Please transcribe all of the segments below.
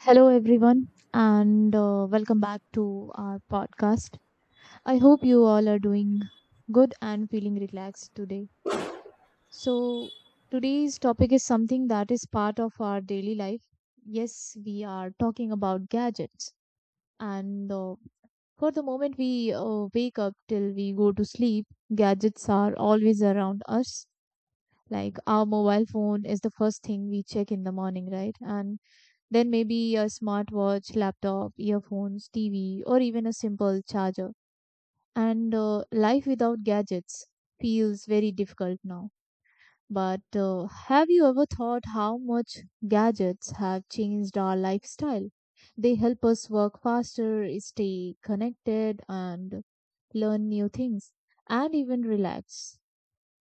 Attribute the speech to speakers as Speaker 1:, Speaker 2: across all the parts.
Speaker 1: Hello, everyone, and welcome back to our podcast. I hope you all are doing good and feeling relaxed today. So, today's topic is something that is part of our daily life. Yes, we are talking about gadgets, and for the moment we wake up till we go to sleep, gadgets are always around us. Like our mobile phone is the first thing we check in the morning, right? And then maybe a smartwatch, laptop, earphones, TV, or even a simple charger. And Life without gadgets feels very difficult now. But have you ever thought how much gadgets have changed our lifestyle? They help us work faster, stay connected, and learn new things, and even relax,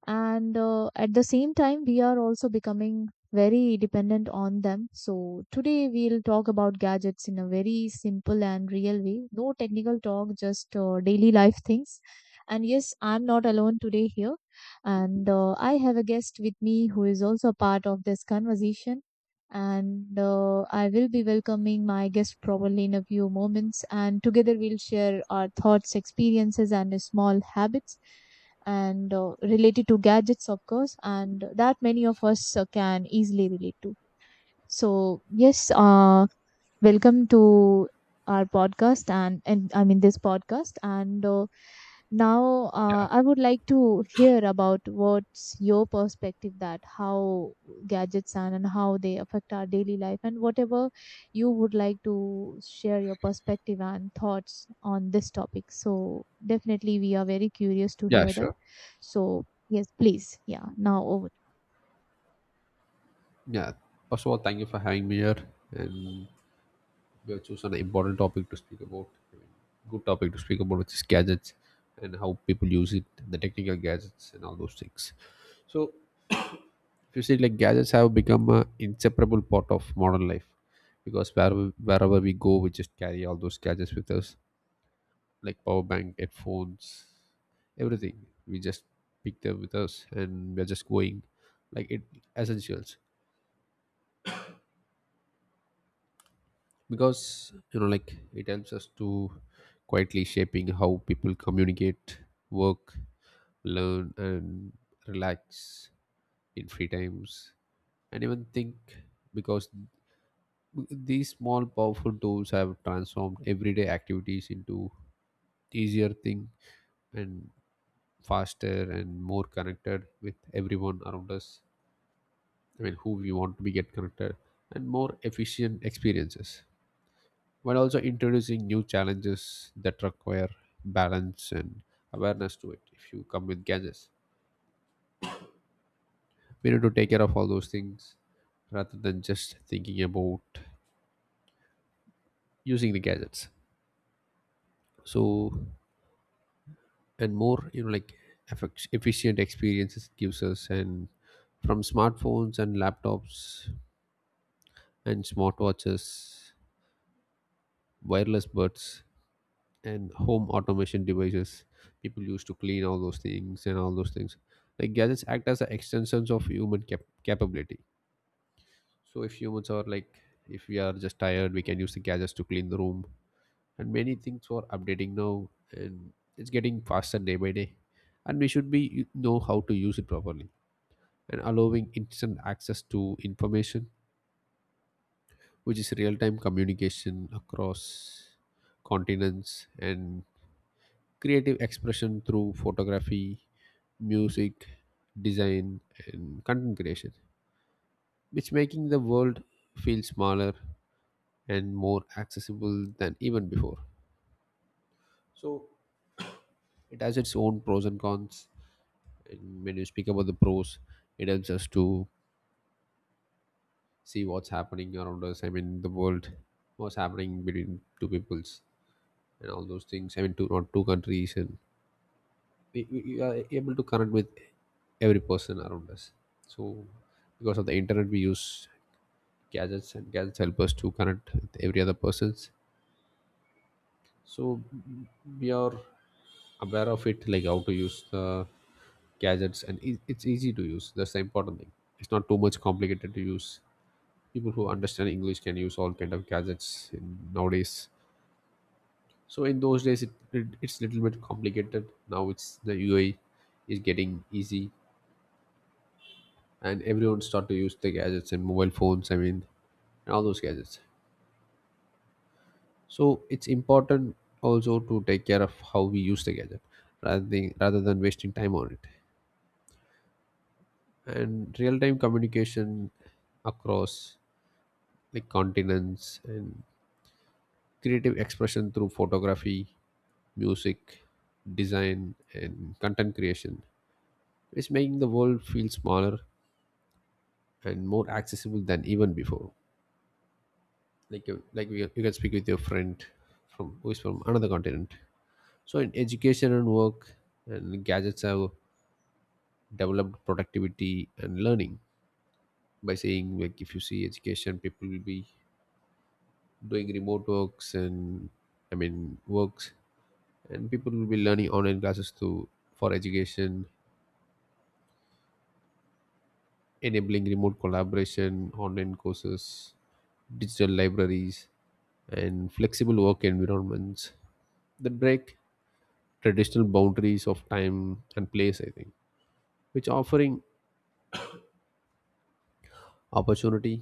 Speaker 1: and at the same time we are also becoming very dependent on them. So today we'll talk about gadgets in a very simple and real way, no technical talk, just daily life things. And yes, I'm not alone today here, and I have a guest with me who is also a part of this conversation, and I will be welcoming my guest probably in a few moments, and together we'll share our thoughts, experiences, and small habits and related to gadgets, of course, and that many of us can easily relate to. So yes, welcome to our podcast and, I mean, this podcast. And Now
Speaker 2: Yeah.
Speaker 1: I would like to hear about what's your perspective, that how gadgets and how they affect our daily life, and whatever you would like to share, your perspective and thoughts on this topic. So definitely we are very curious to
Speaker 2: Yeah,
Speaker 1: hear that.
Speaker 2: sure.
Speaker 1: So yes, please. Yeah, now over.
Speaker 2: Yeah. First of all, thank you for having me here. And we have chosen an important topic to speak about. I mean, good topic to speak about, which is gadgets and how people use it, the technical gadgets and all those things. So, if you see, like gadgets have become an inseparable part of modern life because wherever we go, we just carry all those gadgets with us, like power bank, headphones, everything. We just pick them with us and we're just going like it essentials because you know like it helps us to quietly shaping how people communicate, work, learn, and relax in free times and even think, because these small powerful tools have transformed everyday activities into easier thing and faster and more connected with everyone around us. I mean, who we want to be get connected, and more efficient experiences, while also introducing new challenges that require balance and awareness to it. If you come with gadgets, we need to take care of all those things rather than just thinking about using the gadgets. So, and more you know like efficient experiences it gives us. And from smartphones and laptops and smartwatches, wireless buds, and home automation devices, people use to clean all those things and all those things. Like gadgets act as a extensions of human capability. So if humans are like, if we are just tired, we can use the gadgets to clean the room and many things for updating now, and it's getting faster day by day, and we should be know how to use it properly, and allowing instant access to information, which is real-time communication across continents, and creative expression through photography, music, design, and content creation, which making the world feel smaller and more accessible than even before. So it has its own pros and cons. And when you speak about the pros, it helps us to see what's happening around us. I mean, the world, what's happening between two peoples and all those things. I mean, two not two countries. And we are able to connect with every person around us. So because of the internet, we use gadgets, and gadgets help us to connect with every other persons. So we are aware of it, like how to use the gadgets, and it's easy to use, that's the important thing. It's not too much complicated to use. People who understand English can use all kind of gadgets in, nowadays. So in those days it's little bit complicated. Now it's the UI is getting easy, and everyone start to use the gadgets and mobile phones, I mean, and all those gadgets. So it's important also to take care of how we use the gadget rather than wasting time on it. And real-time communication across like continents, and creative expression through photography, music, design, and content creation is making the world feel smaller and more accessible than even before. Like you, you can speak with your friend from who is from another continent. So in education and work, and gadgets have developed productivity and learning. By saying like, if you see education, people will be doing remote works and, I mean, works, and people will be learning online classes to for education, enabling remote collaboration, online courses, digital libraries, and flexible work environments that break traditional boundaries of time and place, I think, which offering opportunity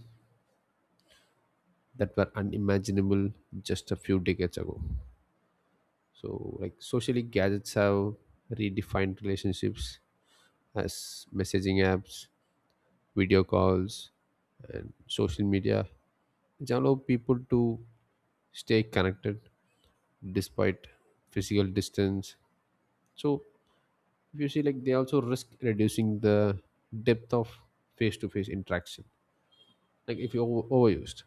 Speaker 2: that were unimaginable just a few decades ago. So like socially, gadgets have redefined relationships as messaging apps, video calls, and social media, which allow people to stay connected despite physical distance. So if you see, like they also risk reducing the depth of face to face interaction. Like if you're overused.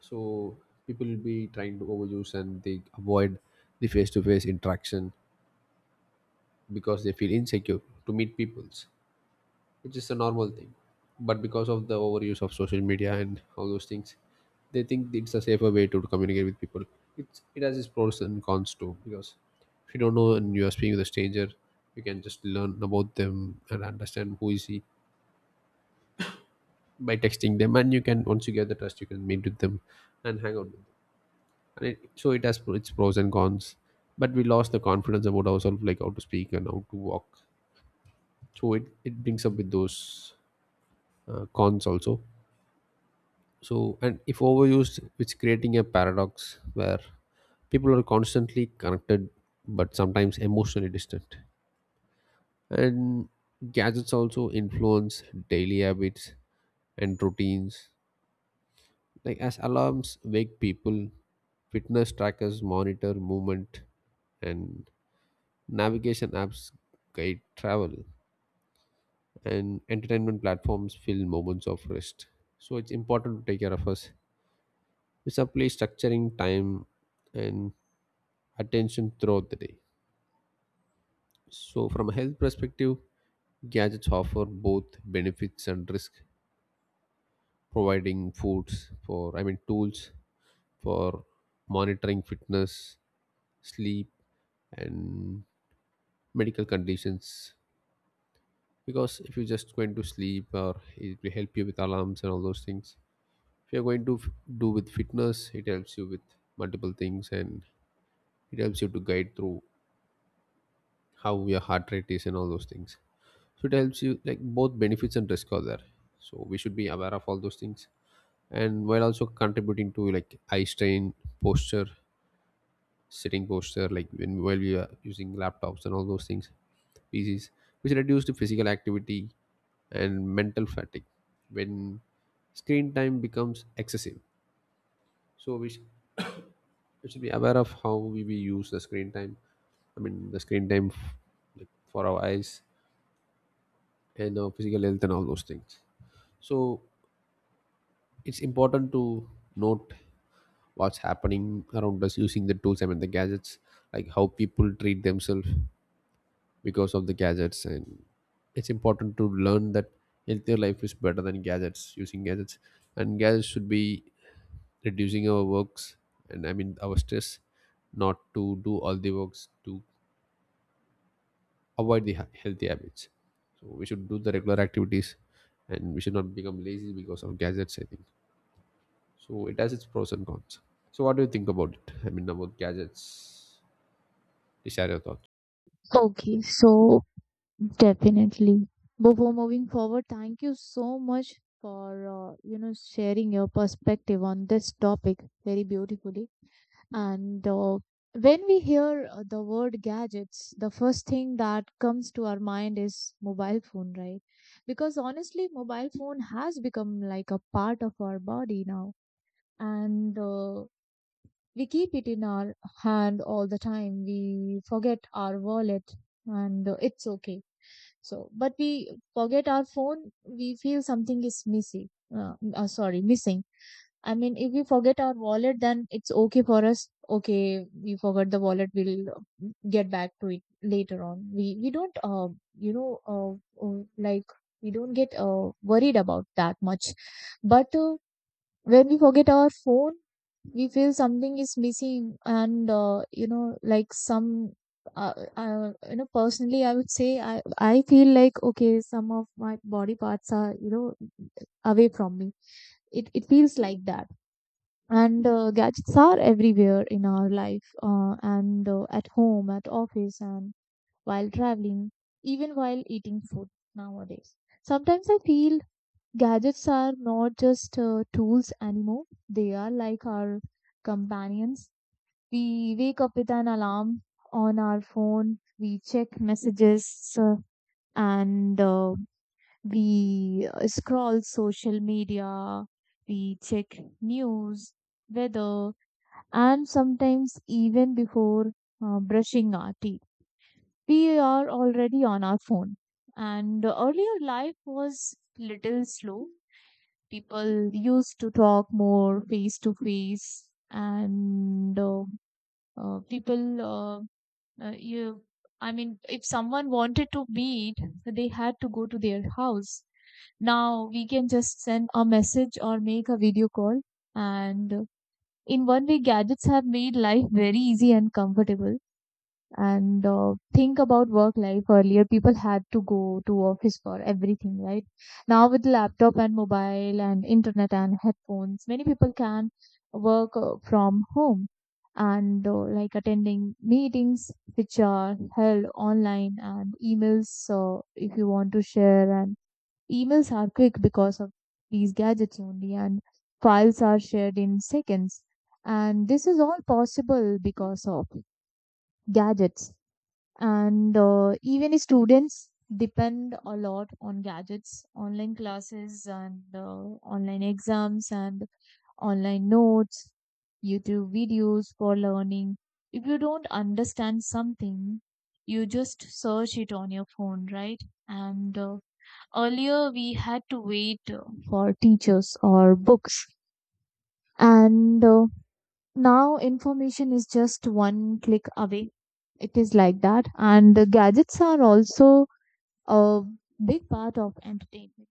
Speaker 2: So people will be trying to overuse and they avoid the face-to-face interaction because they feel insecure to meet peoples, which is a normal thing. But because of the overuse of social media and all those things, they think it's a safer way to communicate with people. It's, it has its pros and cons too, because if you don't know and you are speaking with a stranger, you can just learn about them and understand who is he by texting them, and you can, once you get the trust, you can meet with them and hang out with them. And it, so it has its pros and cons. But we lost the confidence about ourselves, like how to speak and how to walk. So it brings up with those cons also. So, and if overused, it's creating a paradox where people are constantly connected but sometimes emotionally distant. And gadgets also influence daily habits and routines, like as alarms wake people, fitness trackers monitor movement, and navigation apps guide travel, and entertainment platforms fill moments of rest. So it's important to take care of us. We simply structuring time and attention throughout the day. So from a health perspective, gadgets offer both benefits and risk, providing foods for, I mean, tools for monitoring fitness, sleep, and medical conditions. Because if you're just going to sleep, or it will help you with alarms and all those things. If you're going to do with fitness, it helps you with multiple things, and it helps you to guide through how your heart rate is and all those things. So it helps you like, both benefits and risk are there, so we should be aware of all those things. And while also contributing to like eye strain, posture, sitting posture, like when while we are using laptops and all those things, PCs, which reduce the physical activity and mental fatigue when screen time becomes excessive. So we should be aware of how we use the screen time. I mean the like for our eyes and our physical health and all those things. So it's important to note what's happening around us using the tools, I mean the gadgets, like how people treat themselves because of the gadgets. And it's important to learn that healthier life is better than gadgets, using gadgets. And gadgets should be reducing our works, and I mean our stress, not to do all the works to avoid the healthy habits. So we should do the regular activities, and we should not become lazy because of gadgets, I think. So it has its pros and cons. So what do you think about it? I mean about gadgets, share your thoughts.
Speaker 1: Okay, so definitely. Before moving forward, thank you so much for you know, sharing your perspective on this topic very beautifully. And when we hear the word gadgets, the first thing that comes to our mind is mobile phone, right? Because honestly, mobile phone has become like a part of our body now, and we keep it in our hand all the time. We forget our wallet, and it's okay, so, but we forget our phone, we feel something is missing. Sorry, missing. I mean, if we forget our wallet, then it's okay for us. Okay, we forgot the wallet. We'll get back to it later on. We don't, like, we don't get worried about that much. But when we forget our phone, we feel something is missing, and you know, like, some you know, personally I would say, I feel like, okay, some of my body parts are, you know, away from me. It feels like that. And gadgets are everywhere in our life, and at home, at office, and while traveling, even while eating food nowadays. Sometimes I feel gadgets are not just tools anymore, they are like our companions. We wake up with an alarm on our phone, we check messages, and we scroll social media, we check news, weather, and sometimes even before brushing our teeth we are already on our phone. And earlier life was little slow, people used to talk more face to face, and people you I mean, if someone wanted to meet, they had to go to their house. Now we can just send a message or make a video call, and in one way, gadgets have made life very easy and comfortable. And Think about work life, earlier people had to go to office for everything, right? Now with laptop and mobile and internet and headphones, many people can work from home, and like attending meetings which are held online, and emails, so if you want to share, and emails are quick because of these gadgets only, and files are shared in seconds, and this is all possible because of gadgets. And Even students depend a lot on gadgets, online classes, and online exams, and online notes, YouTube videos for learning. If you don't understand something, you just search it on your phone, right? and Earlier we had to wait for teachers or books, and now information is just one click away. It is like that. And the gadgets are also a big part of entertainment.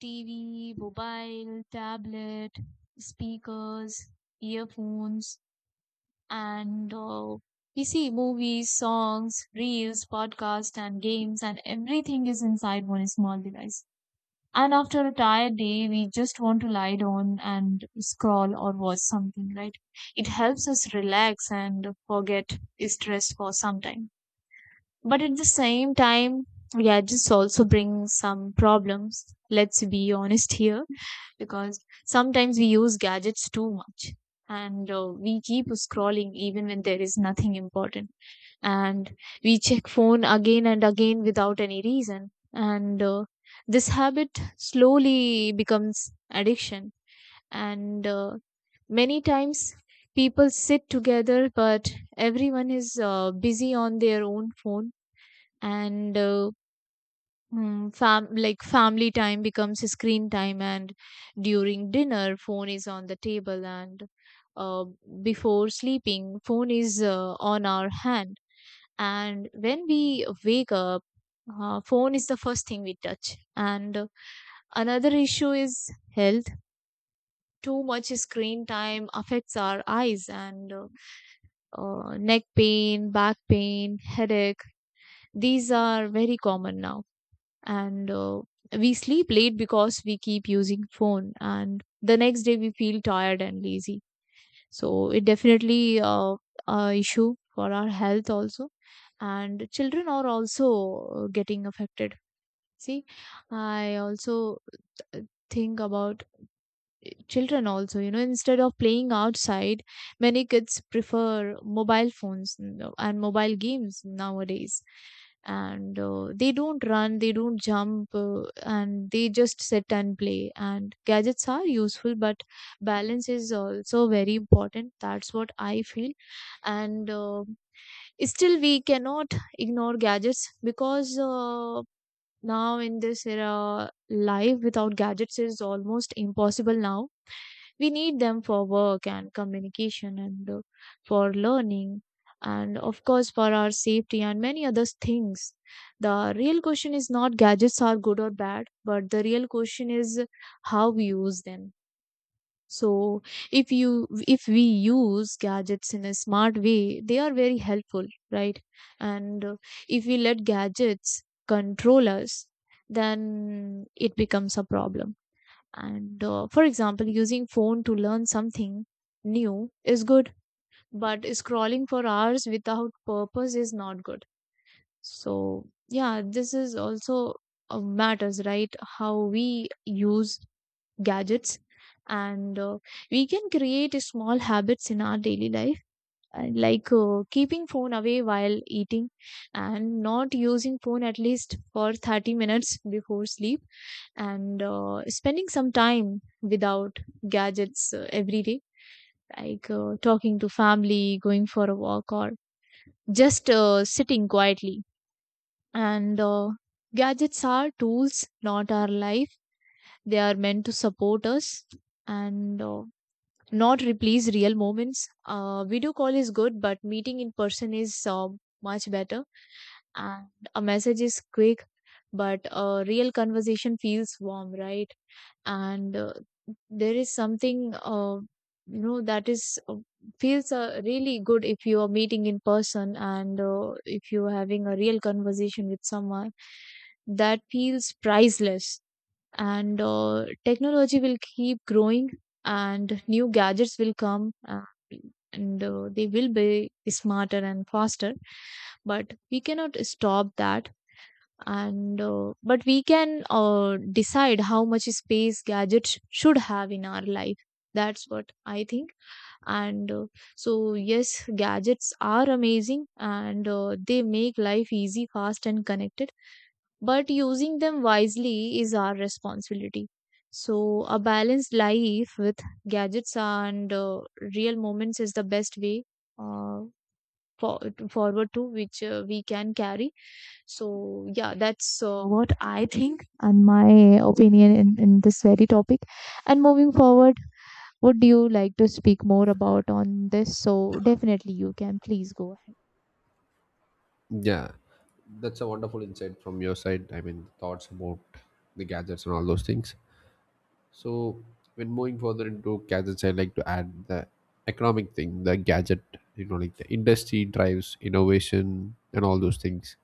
Speaker 1: TV, mobile, tablet, speakers, earphones, and we see movies, songs, reels, podcasts, and games, and everything is inside one small device. And after a tired day, we just want to lie down and scroll or watch something, right? It helps us relax and forget stress for some time. But at the same time, gadgets also bring some problems. Let's be honest here, because sometimes we use gadgets too much, and we keep scrolling even when there is nothing important, and we check phone again and again without any reason, and this habit slowly becomes addiction, and many times people sit together but everyone is busy on their own phone, and Mm, fam like, family time becomes screen time, and during dinner, phone is on the table, and uh, before sleeping, phone is on our hand. And when we wake up, phone is the first thing we touch. And another issue is health. Too much screen time affects our eyes, and neck pain, back pain, headache, these are very common now. And We sleep late because we keep using phone, and the next day we feel tired and lazy, so it definitely a issue for our health also. And children are also getting affected. See, I also uh, think about children also, you know, instead of playing outside, many kids prefer mobile phones and mobile games nowadays, and they don't run, they don't jump, and they just sit and play. And gadgets are useful, but balance is also very important, that's what I feel. And Still we cannot ignore gadgets because now in this era, life without gadgets is almost impossible now. We need them for work and communication, and for learning, and of course for our safety and many other things. The real question is not gadgets are good or bad, but the real question is how we use them. So, if you if we use gadgets in a smart way, they are very helpful, right? And if we let gadgets control us, then it becomes a problem. And For example, using phone to learn something new is good, but scrolling for hours without purpose is not good. So yeah, this is also matters, right, how we use gadgets. And We can create small habits in our daily life, like keeping phone away while eating, and not using phone at least for 30 minutes before sleep, and spending some time without gadgets every day, like talking to family, going for a walk, or just sitting quietly. And Gadgets are tools, not our life. They are meant to support us, and not replace real moments. Video call is good, but meeting in person is much better. And a message is quick, but a real conversation feels warm, right? And There is something, you know, that is, feels really good if you are meeting in person, and if you are having a real conversation with someone. That feels priceless. And Technology will keep growing, and new gadgets will come, and they will be smarter and faster, but we cannot stop that. And uh, but we can decide how much space gadgets should have in our life, that's what I think. And So yes, gadgets are amazing, and they make life easy, fast, and connected, but using them wisely is our responsibility. So, a balanced life with gadgets and real moments is the best way, uh, for, forward, to which we can carry. So, yeah, that's what I think and my opinion in this very topic. And moving forward, would you like to speak more about on this? So, definitely you can. Please go
Speaker 2: Yeah, that's a wonderful insight from your side. I mean, thoughts about the gadgets and all those things. So, when moving further into gadgets, I like to add the economic thing, the gadget, you know, like the industry drives innovation and all those things.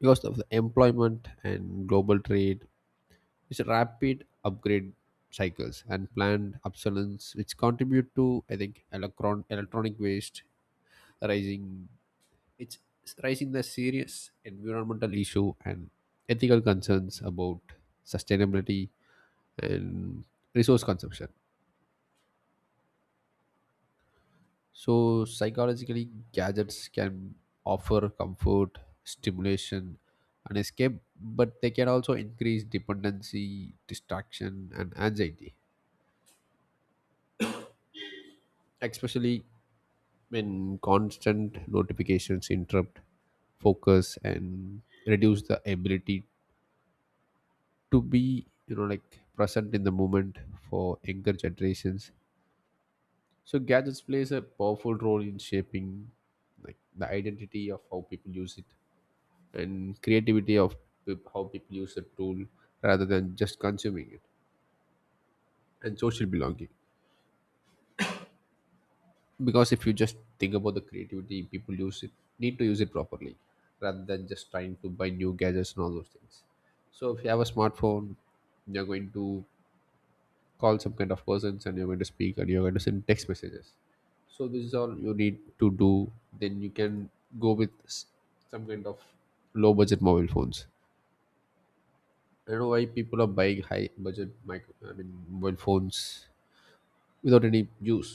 Speaker 2: Because of the employment and global trade, it's rapid upgrade cycles and planned obsolescence, which contribute to, I think, electronic waste, rising. It's raising the serious environmental issue and ethical concerns about sustainability and resource consumption. So, psychologically, gadgets can offer comfort, stimulation, and escape, but they can also increase dependency, distraction, and anxiety, especially when constant notifications interrupt focus and reduce the ability to be you know like present in the moment. For younger generations, so gadgets plays a powerful role in shaping like the identity of how people use it, and creativity of how people use the tool rather than just consuming it, and social belonging. Because if you just think about the creativity, people use it, need to use it properly rather than just trying to buy new gadgets and all those things. So if you have a smartphone, you're going to call some kind of persons, and you're going to speak, and you're going to send text messages. So this is all you need to do. Then you can go with some kind of low budget mobile phones. I don't know why people are buying high budget micro, I mean, mobile phones without any use.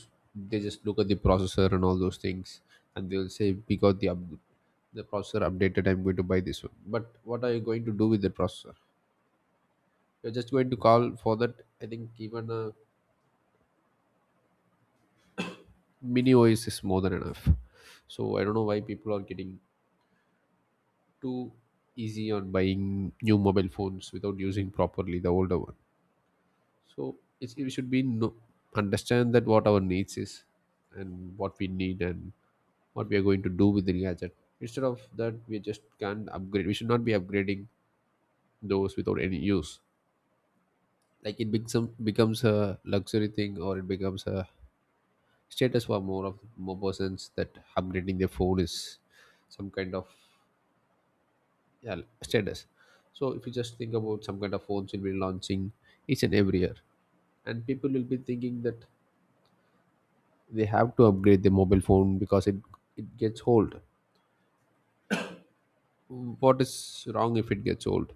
Speaker 2: They just look at the processor and all those things, and they'll say we got the the processor updated, I'm going to buy this one. But what are you going to do with the processor? You're just going to call for that. I think even a mini OS is more than enough. So I don't know why people are getting too easy on buying new mobile phones without using properly the older one. So it's, it should be no, understand that what our needs is and what we need and what we are going to do with the gadget. Instead of that, we just can't upgrade. We should not be upgrading those without any use. Like it becomes a luxury thing, or it becomes a status for more persons. That upgrading their phone is some kind of, yeah, status. So if you just think about, some kind of phones will be launching each and every year, and people will be thinking that they have to upgrade their mobile phone because it gets old. Mm, what is wrong if it gets old?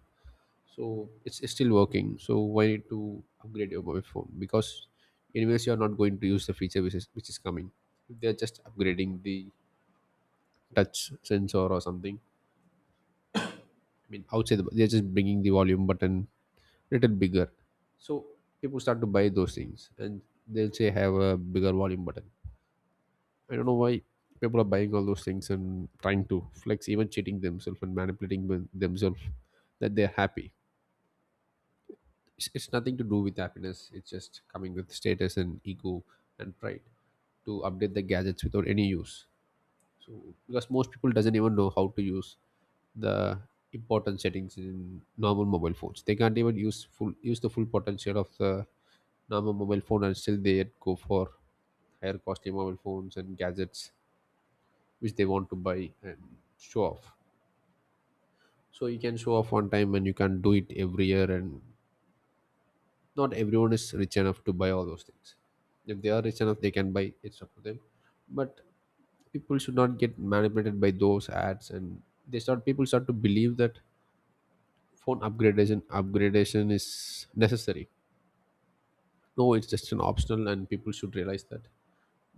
Speaker 2: So it's still working, so why need to upgrade your mobile phone? Because anyways you're not going to use the feature which is coming. If they're just upgrading the touch sensor or something, I mean outside, they're just bringing the volume button little bigger. So people start to buy those things, and they'll say have a bigger volume button. I don't know why people are buying all those things and trying to flex, even cheating themselves and manipulating with themselves that they're happy. It's nothing to do with happiness, it's just coming with status and ego and pride, to update the gadgets without any use. So because most people doesn't even know how to use the important settings in normal mobile phones. They can't even use full use the full potential of the normal mobile phone, and still they go for higher costly mobile phones and gadgets which they want to buy and show off. So you can show off one time, and you can do it every year, and not everyone is rich enough to buy all those things. If they are rich enough, they can buy, it's up to them. But people should not get manipulated by those ads, and they start, people start to believe that phone upgradation is necessary. No, it's just an optional, and people should realize that.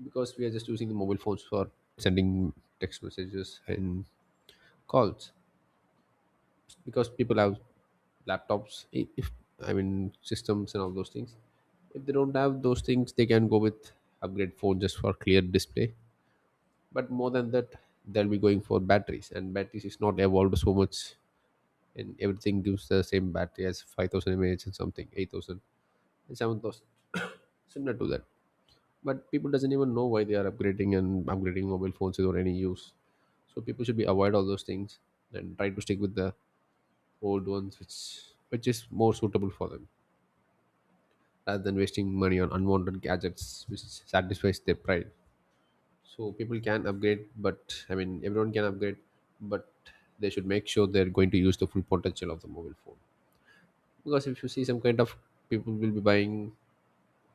Speaker 2: Because we are just using the mobile phones for sending text messages and calls. Because people have laptops, if i mean systems and all those things. If they don't have those things, they can go with upgrade phone just for clear display. But more than that, they'll be going for batteries, and batteries is not evolved so much. And everything gives the same battery as 5,000 mAh, and something 8,000 and 7,000, similar to that. But people doesn't even know why they are upgrading, and upgrading mobile phones is or any use. So people should be avoid all those things, and try to stick with the old ones which is more suitable for them, rather than wasting money on unwanted gadgets which satisfies their pride. So people can upgrade, but I mean everyone can upgrade, but they should make sure they're going to use the full potential of the mobile phone. Because if you see, some kind of people will be buying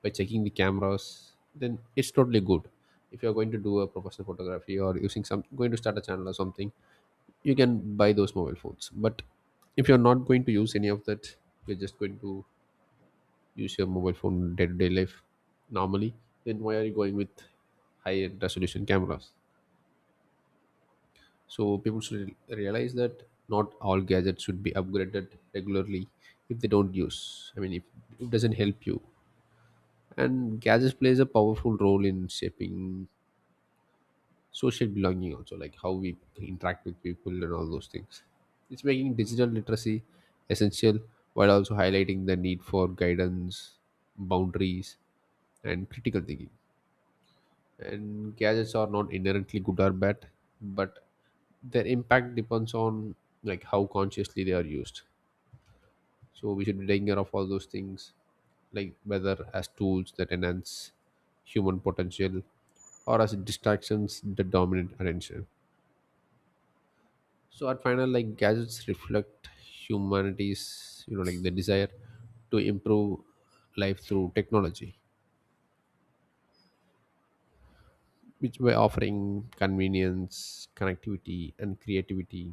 Speaker 2: by checking the cameras, then it's totally good. If you're going to do a professional photography, or using some, going to start a channel or something, you can buy those mobile phones. But if you're not going to use any of that, you're just going to use your mobile phone day-to-day life normally, then why are you going with high-end resolution cameras? So people should realize that not all gadgets should be upgraded regularly, if they don't use, I mean, if it doesn't help you. And gadgets plays a powerful role in shaping social belonging also, like how we interact with people and all those things. It's making digital literacy essential, while also highlighting the need for guidance, boundaries, and critical thinking. And gadgets are not inherently good or bad, but their impact depends on like how consciously they are used. So we should be taking care of all those things, like whether as tools that enhance human potential, or as distractions that dominate attention. So at final, like gadgets reflect humanity's, you know, like the desire to improve life through technology, which by offering convenience, connectivity, and creativity,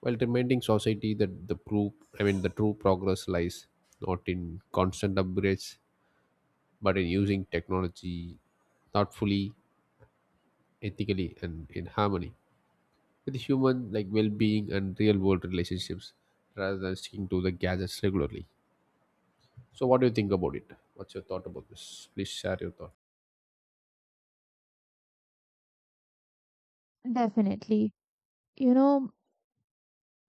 Speaker 2: while reminding society that the proof, I mean, the true progress lies not in constant upgrades, but in using technology thoughtfully, ethically, and in harmony with human like well-being and real-world relationships, rather than sticking to the gadgets regularly. So, what do you think about it? What's your thought about this? Please share your thought.
Speaker 1: ahead. Definitely. You know,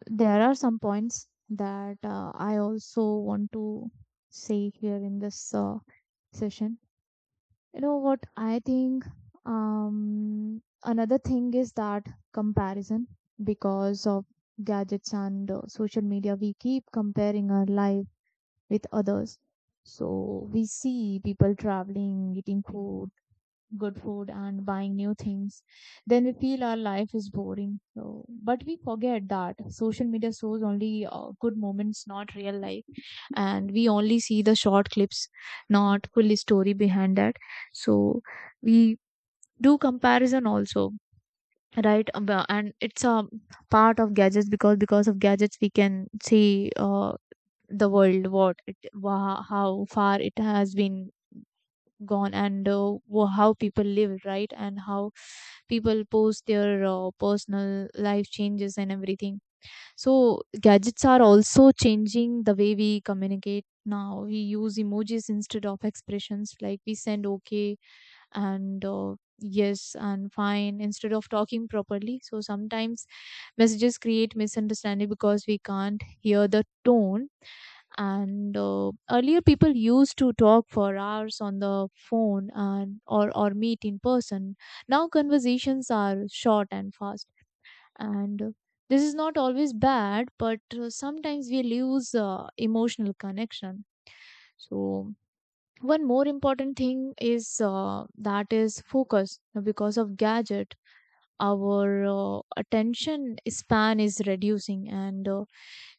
Speaker 1: there are some points that I also want to say here in this session. You know what I think, another thing is that comparison. Because of gadgets and social media, we keep comparing our life with others. So we see people traveling, eating food, good food, and buying new things, then we feel our life is boring. So, but we forget that social media shows only good moments, not real life, and we only see the short clips, not full story behind that. So we do comparison also, right? And it's a part of gadgets, because of gadgets we can see the world, how far it has been gone, and how people live, right, and how people post their personal life changes and everything. So gadgets are also changing the way we communicate. Now we use emojis instead of expressions, like we send okay and yes and fine instead of talking properly. So sometimes messages create misunderstanding because we can't hear the tone. And earlier, people used to talk for hours on the phone and or meet in person. Now conversations are short and fast, and this is not always bad, but sometimes we lose emotional connection. So one more important thing is that is focus. Now, because of gadget, our attention span is reducing, and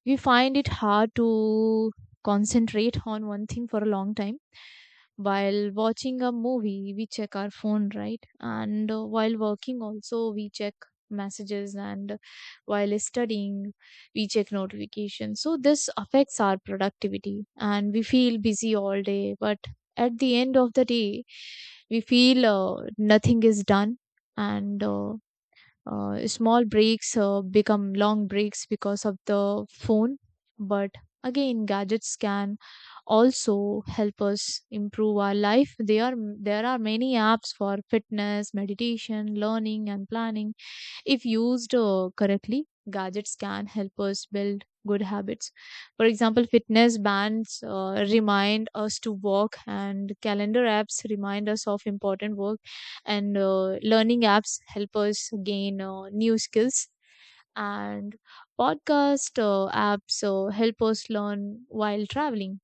Speaker 1: we find it hard to concentrate on one thing for a long time. While watching a movie we check our phone, right, and while working also we check messages, and while studying we check notifications. So this affects our productivity and we feel busy all day, but at the end of the day we feel nothing is done. And Small breaks become long breaks because of the phone. But again, gadgets can also help us improve our life. They are There are many apps for fitness, meditation, learning and planning. If used correctly, gadgets can help us build good habits. For example, fitness bands remind us to walk, and calendar apps remind us of important work, and learning apps help us gain new skills. And podcast apps help us learn while traveling.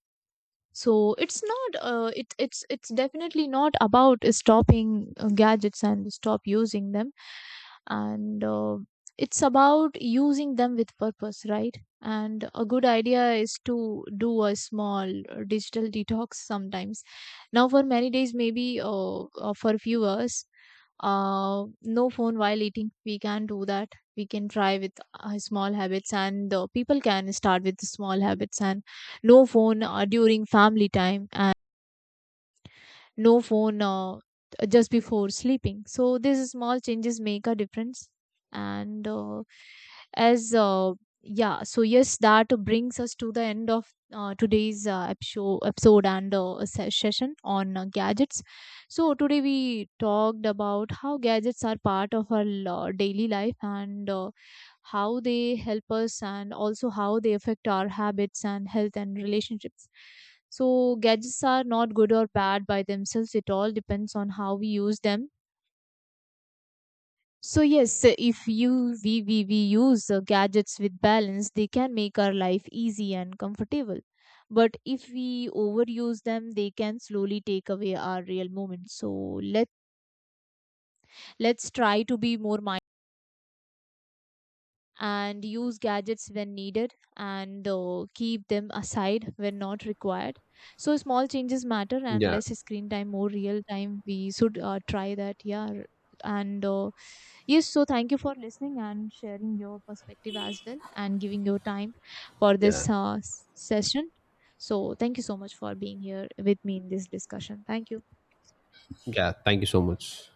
Speaker 1: So it's not it's definitely not about stopping gadgets and stop using them, and it's about using them with purpose, right? And a good idea is to do a small digital detox sometimes. Now for many days, maybe for a few hours, no phone while eating, we can do that. We can try with small habits, and people can start with small habits: and no phone during family time, and no phone just before sleeping. So these small changes make a difference. And uh, as uh, yeah, so that brings us to the end of today's episode and session on gadgets. So today we talked about how gadgets are part of our daily life, and how they help us and also how they affect our habits and health and relationships. So gadgets are not good or bad by themselves, it all depends on how we use them. So yes, if you we use gadgets with balance, they can make our life easy and comfortable. But if we overuse them, they can slowly take away our real moments. So let let's try to be more and use gadgets when needed, and keep them aside when not required. So small changes matter, and
Speaker 2: Yeah,
Speaker 1: less screen time, more real time, we should try that. Yeah, and yes, so thank you for listening and sharing your perspective as well and giving your time for
Speaker 2: yeah,
Speaker 1: this session. So thank you so much for being here with me in this discussion. Thank you.
Speaker 2: yeah. Thank you so much.